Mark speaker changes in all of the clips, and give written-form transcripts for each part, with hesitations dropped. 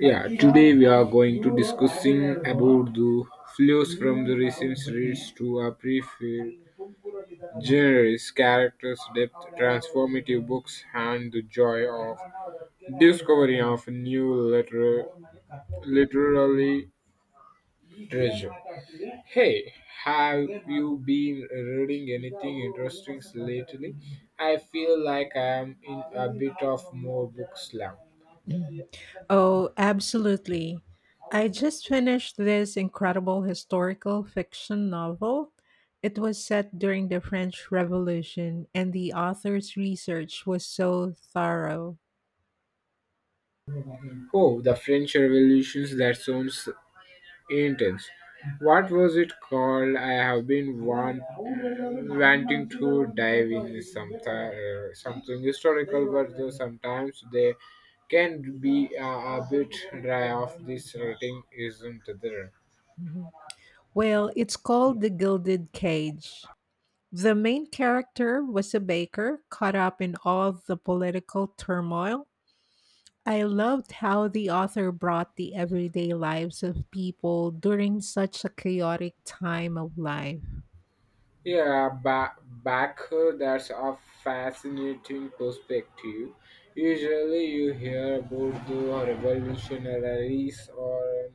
Speaker 1: Yeah, today we are going to discussing about the flows from the recent series to a preferred genres, characters, depth, transformative books, and the joy of discovery of literary treasure. Hey, have you been reading anything interesting lately? I feel like I am in a bit of more book slump.
Speaker 2: Oh, absolutely. I just finished this incredible historical fiction novel. It was set during the French Revolution, and the author's research was so thorough.
Speaker 1: Oh, the French Revolution, that sounds intense. What was it called? I have been wanting to dive in some something historical, but though sometimes they can be a bit dry of this rating, isn't there?
Speaker 2: Mhm. Well, it's called The Gilded Cage. The main character was a baker caught up in all the political turmoil. I loved how the author brought the everyday lives of people during such a chaotic time of life.
Speaker 1: Yeah, ba- back that's a fascinating perspective. Usually, you hear about the revolutionaries or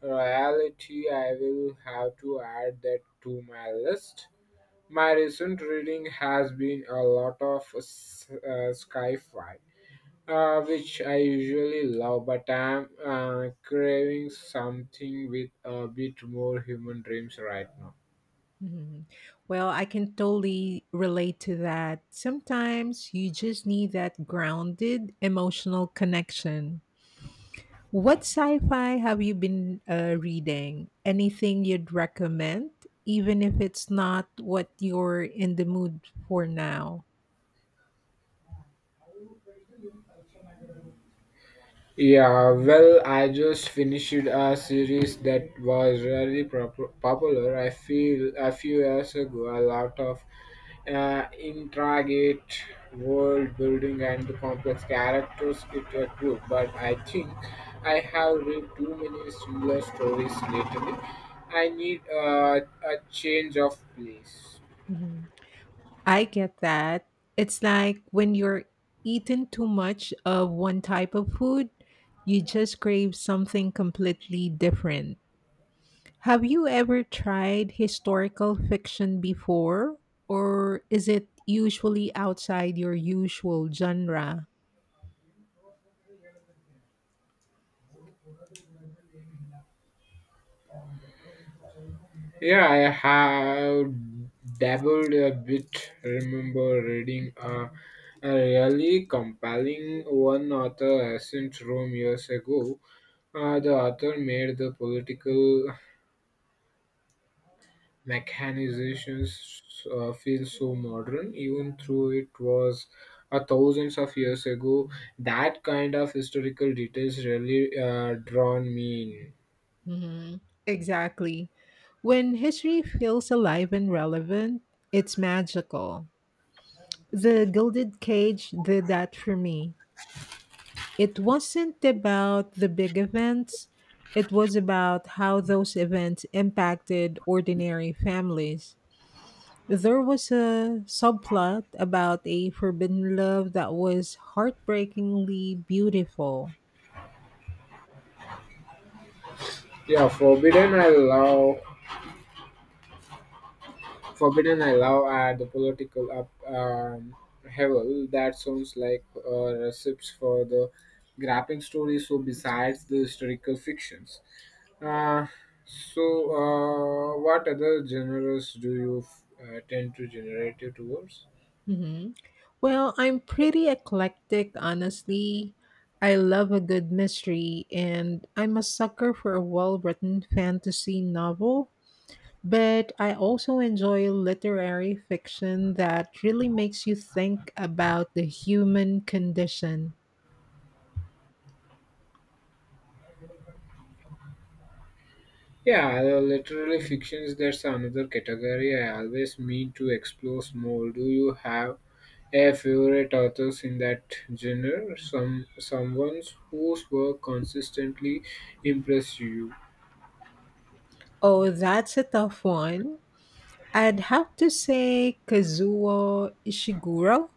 Speaker 1: reality, I will have to add that to my list. My recent reading has been a lot of sci-fi, which I usually love, but I'm craving something with a bit more human dreams right now.
Speaker 2: Mhm. Well, I can totally relate to that. Sometimes you just need that grounded emotional connection. What sci fi have you been reading? Anything you'd recommend, even if it's not what you're in the mood for now?
Speaker 1: Yeah, well, I just finished a series that was really popular. I feel a few years ago, a lot of intricate world building and the complex characters it accrued. But I think I have read too many similar stories lately. I need a change of place.
Speaker 2: Mhm. I get that. It's like when you're eating too much of one type of food, you just crave something completely different. Have you ever tried historical fiction before? Or is it usually outside your usual genre?
Speaker 1: Yeah, I have dabbled a bit. Remember reading a really compelling one author Ascent Rome years ago. The author made the political mechanizations feel so modern, even though it was thousands of years ago. That kind of historical details really drawn me in.
Speaker 2: Hmm. Exactly. When history feels alive and relevant, it's magical. The Gilded Cage did that for me. It wasn't about the big events, it was about how those events impacted ordinary families. There was a subplot about a forbidden love that was heartbreakingly beautiful.
Speaker 1: Yeah, Forbidden I love and the political up hevel. That sounds like recipes for the grappling story. So besides the historical fictions, uh, what other genres do you tend to generate towards?
Speaker 2: Hmm. Well, I'm pretty eclectic, honestly. I love a good mystery, and I'm a sucker for a well written fantasy novel. But I also enjoy literary fiction that really makes you think about the human condition.
Speaker 1: Yeah, the literary fictions. That's another category I always mean to explore more. Do you have a favorite authors in that genre, someone whose work consistently impressed you.
Speaker 2: Oh, that's a tough one. I'd have to say Kazuo Ishiguro.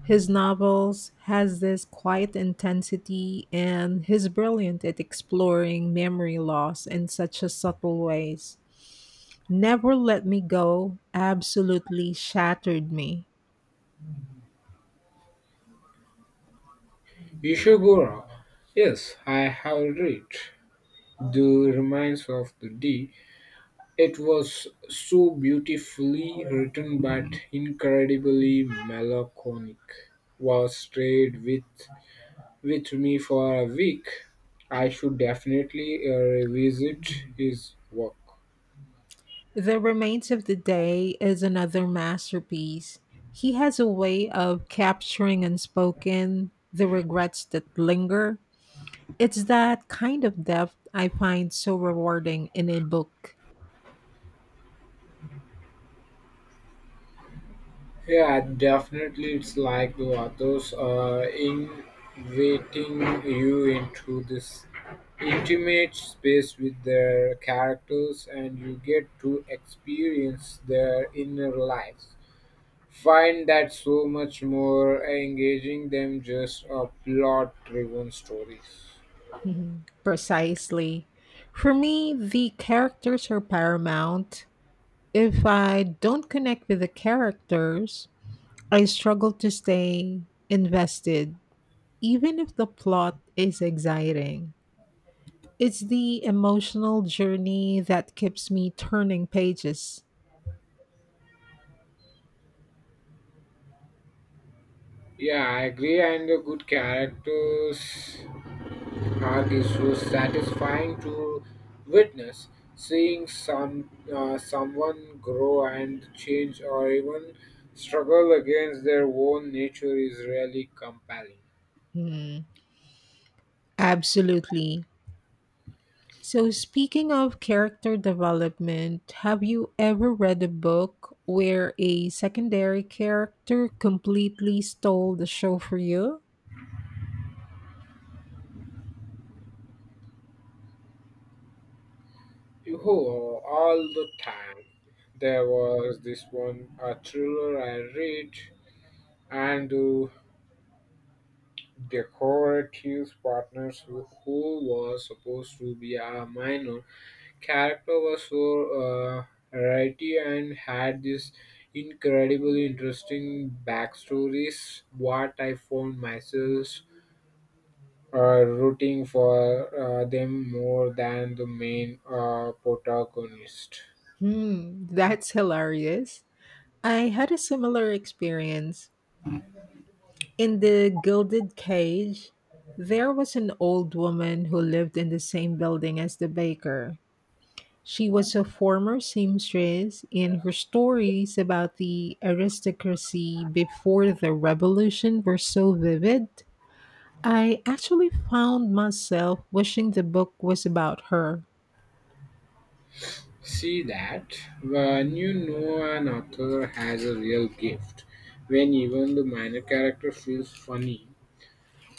Speaker 2: His novels has this quiet intensity and he's brilliant at exploring memory loss in such a subtle ways. Never Let Me Go absolutely shattered me.
Speaker 1: Ishiguro. Yes, I have read The Remains of the Day. It was so beautifully written but incredibly melancholic. Was stayed with me for a week. I should definitely revisit his work.
Speaker 2: The Remains of the Day is another masterpiece. He has a way of capturing unspoken, the regrets that linger. It's that kind of depth I find so rewarding in a book.
Speaker 1: Yeah, definitely. It's like the authors are inviting you into this intimate space with their characters, and you get to experience their inner lives. Find that so much more engaging than just a plot-driven stories.
Speaker 2: Mhm. Precisely. For me, the characters are paramount. If I don't connect with the characters, I struggle to stay invested, even if the plot is exciting. It's the emotional journey that keeps me turning pages.
Speaker 1: Yeah, I agree. And the good characters are these so satisfying to witness? Seeing someone grow and change, or even struggle against their own nature, is really compelling.
Speaker 2: Hmm, absolutely. So, speaking of character development, have you ever read a book where a secondary character completely stole the show for you?
Speaker 1: Oh, all the time. There was this one a thriller I read, and decorative partners who was supposed to be a minor character was so uh, writey and had this incredibly interesting backstories what I found myself rooting for them more than the main protagonist.
Speaker 2: Hmm, that's hilarious. I had a similar experience. In The Gilded Cage, there was an old woman who lived in the same building as the baker. She was a former seamstress, and her stories about the aristocracy before the revolution were so vivid, I actually found myself wishing the book was about her.
Speaker 1: See that when you know an author has a real gift when even the minor character feels funny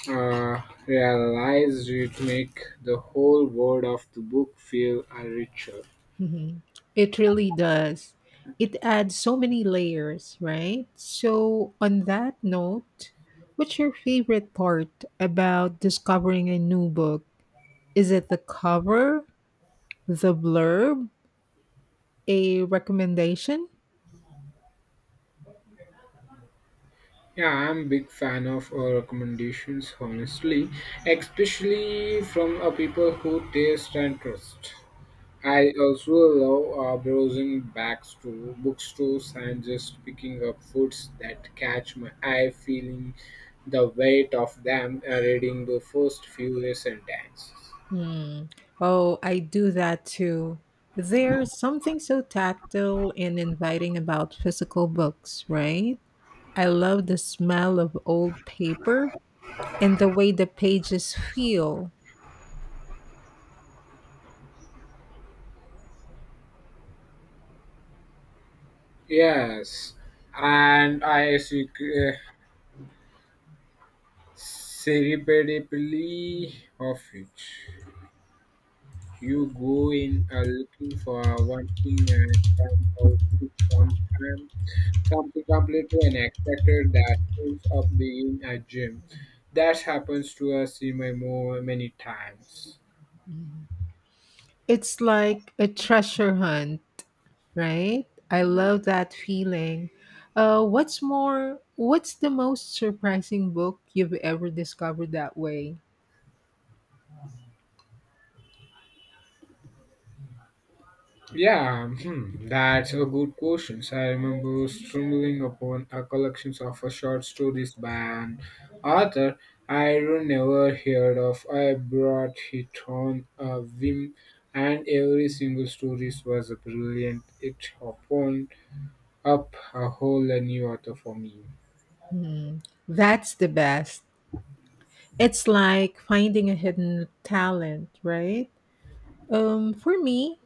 Speaker 1: uh, realize it make the whole world of the book feel richer.
Speaker 2: Mhm. It really does. It adds so many layers, right? So, on that note, what's your favorite part about discovering a new book? Is it the cover, the blurb, a recommendation?
Speaker 1: Yeah, I'm big fan of recommendations, honestly, especially from people who taste and trust. I also love browsing back to bookstores and just picking up foods that catch my eye, feeling the weight of them, reading the first few sentences.
Speaker 2: Hmm. Oh, I do that too. There's something so tactile and inviting about physical books, right? I love the smell of old paper and the way the pages feel.
Speaker 1: Yes, and serendipitously of it. You go in looking for one thing and come out with sometime, something completely unexpected that ends up being a gym. That happens to us in my more many times.
Speaker 2: Mhm. It's like a treasure hunt, right? I love that feeling. What's more, what's the most surprising book you've ever discovered that way?
Speaker 1: Yeah, hmm, that's a good question. So, I remember stumbling upon a collection of short stories by an author I would never heard of. I brought it on a whim, and every single story was brilliant. It opened up a whole new author for me.
Speaker 2: Hmm, that's the best. It's like finding a hidden talent, right? For me,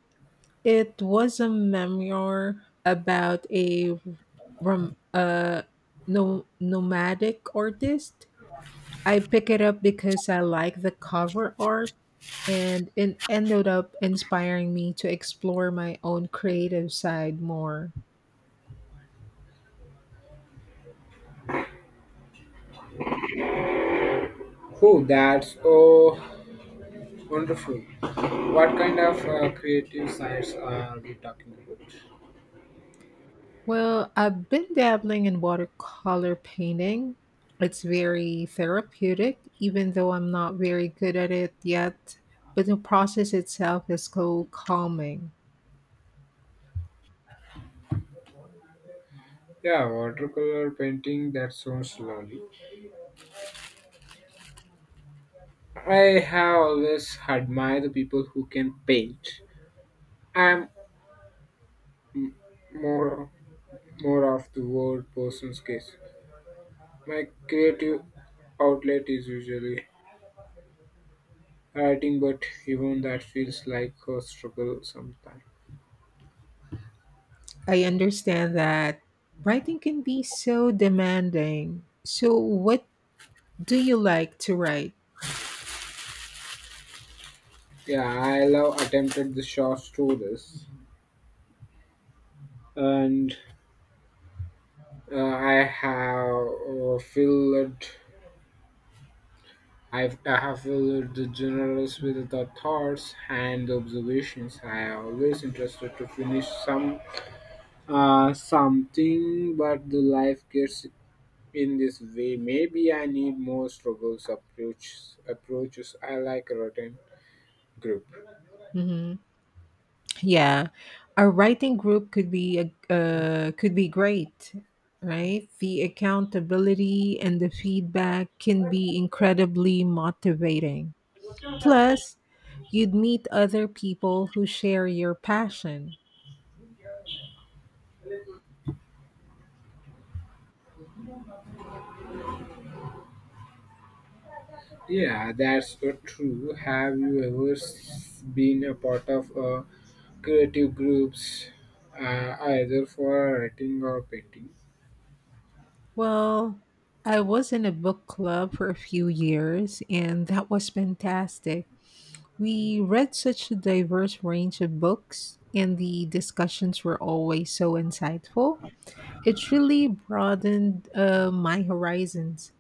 Speaker 2: it was a memoir about a rom- uh, nomadic artist. I pick it up because I like the cover art, and it ended up inspiring me to explore my own creative side more.
Speaker 1: Oh, that's wonderful! What kind of creative sides are we talking about?
Speaker 2: Well, I've been dabbling in watercolor painting. It's very therapeutic, even though I'm not very good at it yet. But the process itself is so calming.
Speaker 1: Yeah, watercolor painting. That sounds lovely. I have always admired the people who can paint. I'm m- more more of the word person's case. My creative outlet is usually writing, but even that feels like a struggle sometimes.
Speaker 2: I understand that writing can be so demanding. So, what do you like to write?
Speaker 1: Yeah, I love attempted the short stories, and I have filled I have filled the journals with the thoughts and observations. I am always interested to finish some something, but the life gets in this way. Maybe I need more struggles approaches. Approaches I like a rotten group.
Speaker 2: Mm-hmm. Yeah, a writing group could be a could be great, right? The accountability and the feedback can be incredibly motivating. Plus, you'd meet other people who share your passion.
Speaker 1: Yeah, that's true. Have you ever been a part of a creative groups, either for writing or painting?
Speaker 2: Well, I was in a book club for a few years, and that was fantastic. We read such a diverse range of books, and the discussions were always so insightful. It really broadened my horizons.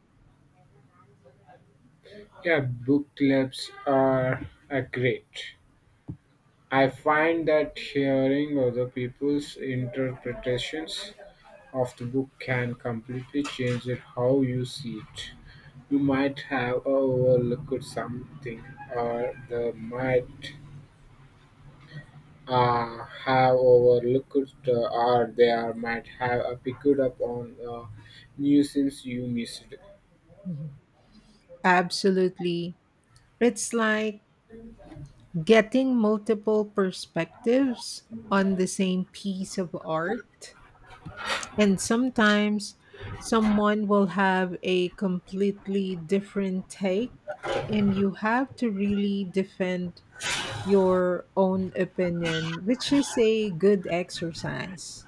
Speaker 1: Yeah, book clubs are a great. I find that hearing other people's interpretations of the book can completely change it how you see it. You might have overlooked something, or they might have overlooked, might have picked up on nuisance you missed.
Speaker 2: Mhm. Absolutely. It's like getting multiple perspectives on the same piece of art. And sometimes someone will have a completely different take, and you have to really defend your own opinion, which is a good exercise.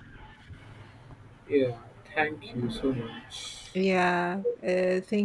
Speaker 1: Yeah, thank you so much.
Speaker 2: Yeah, thank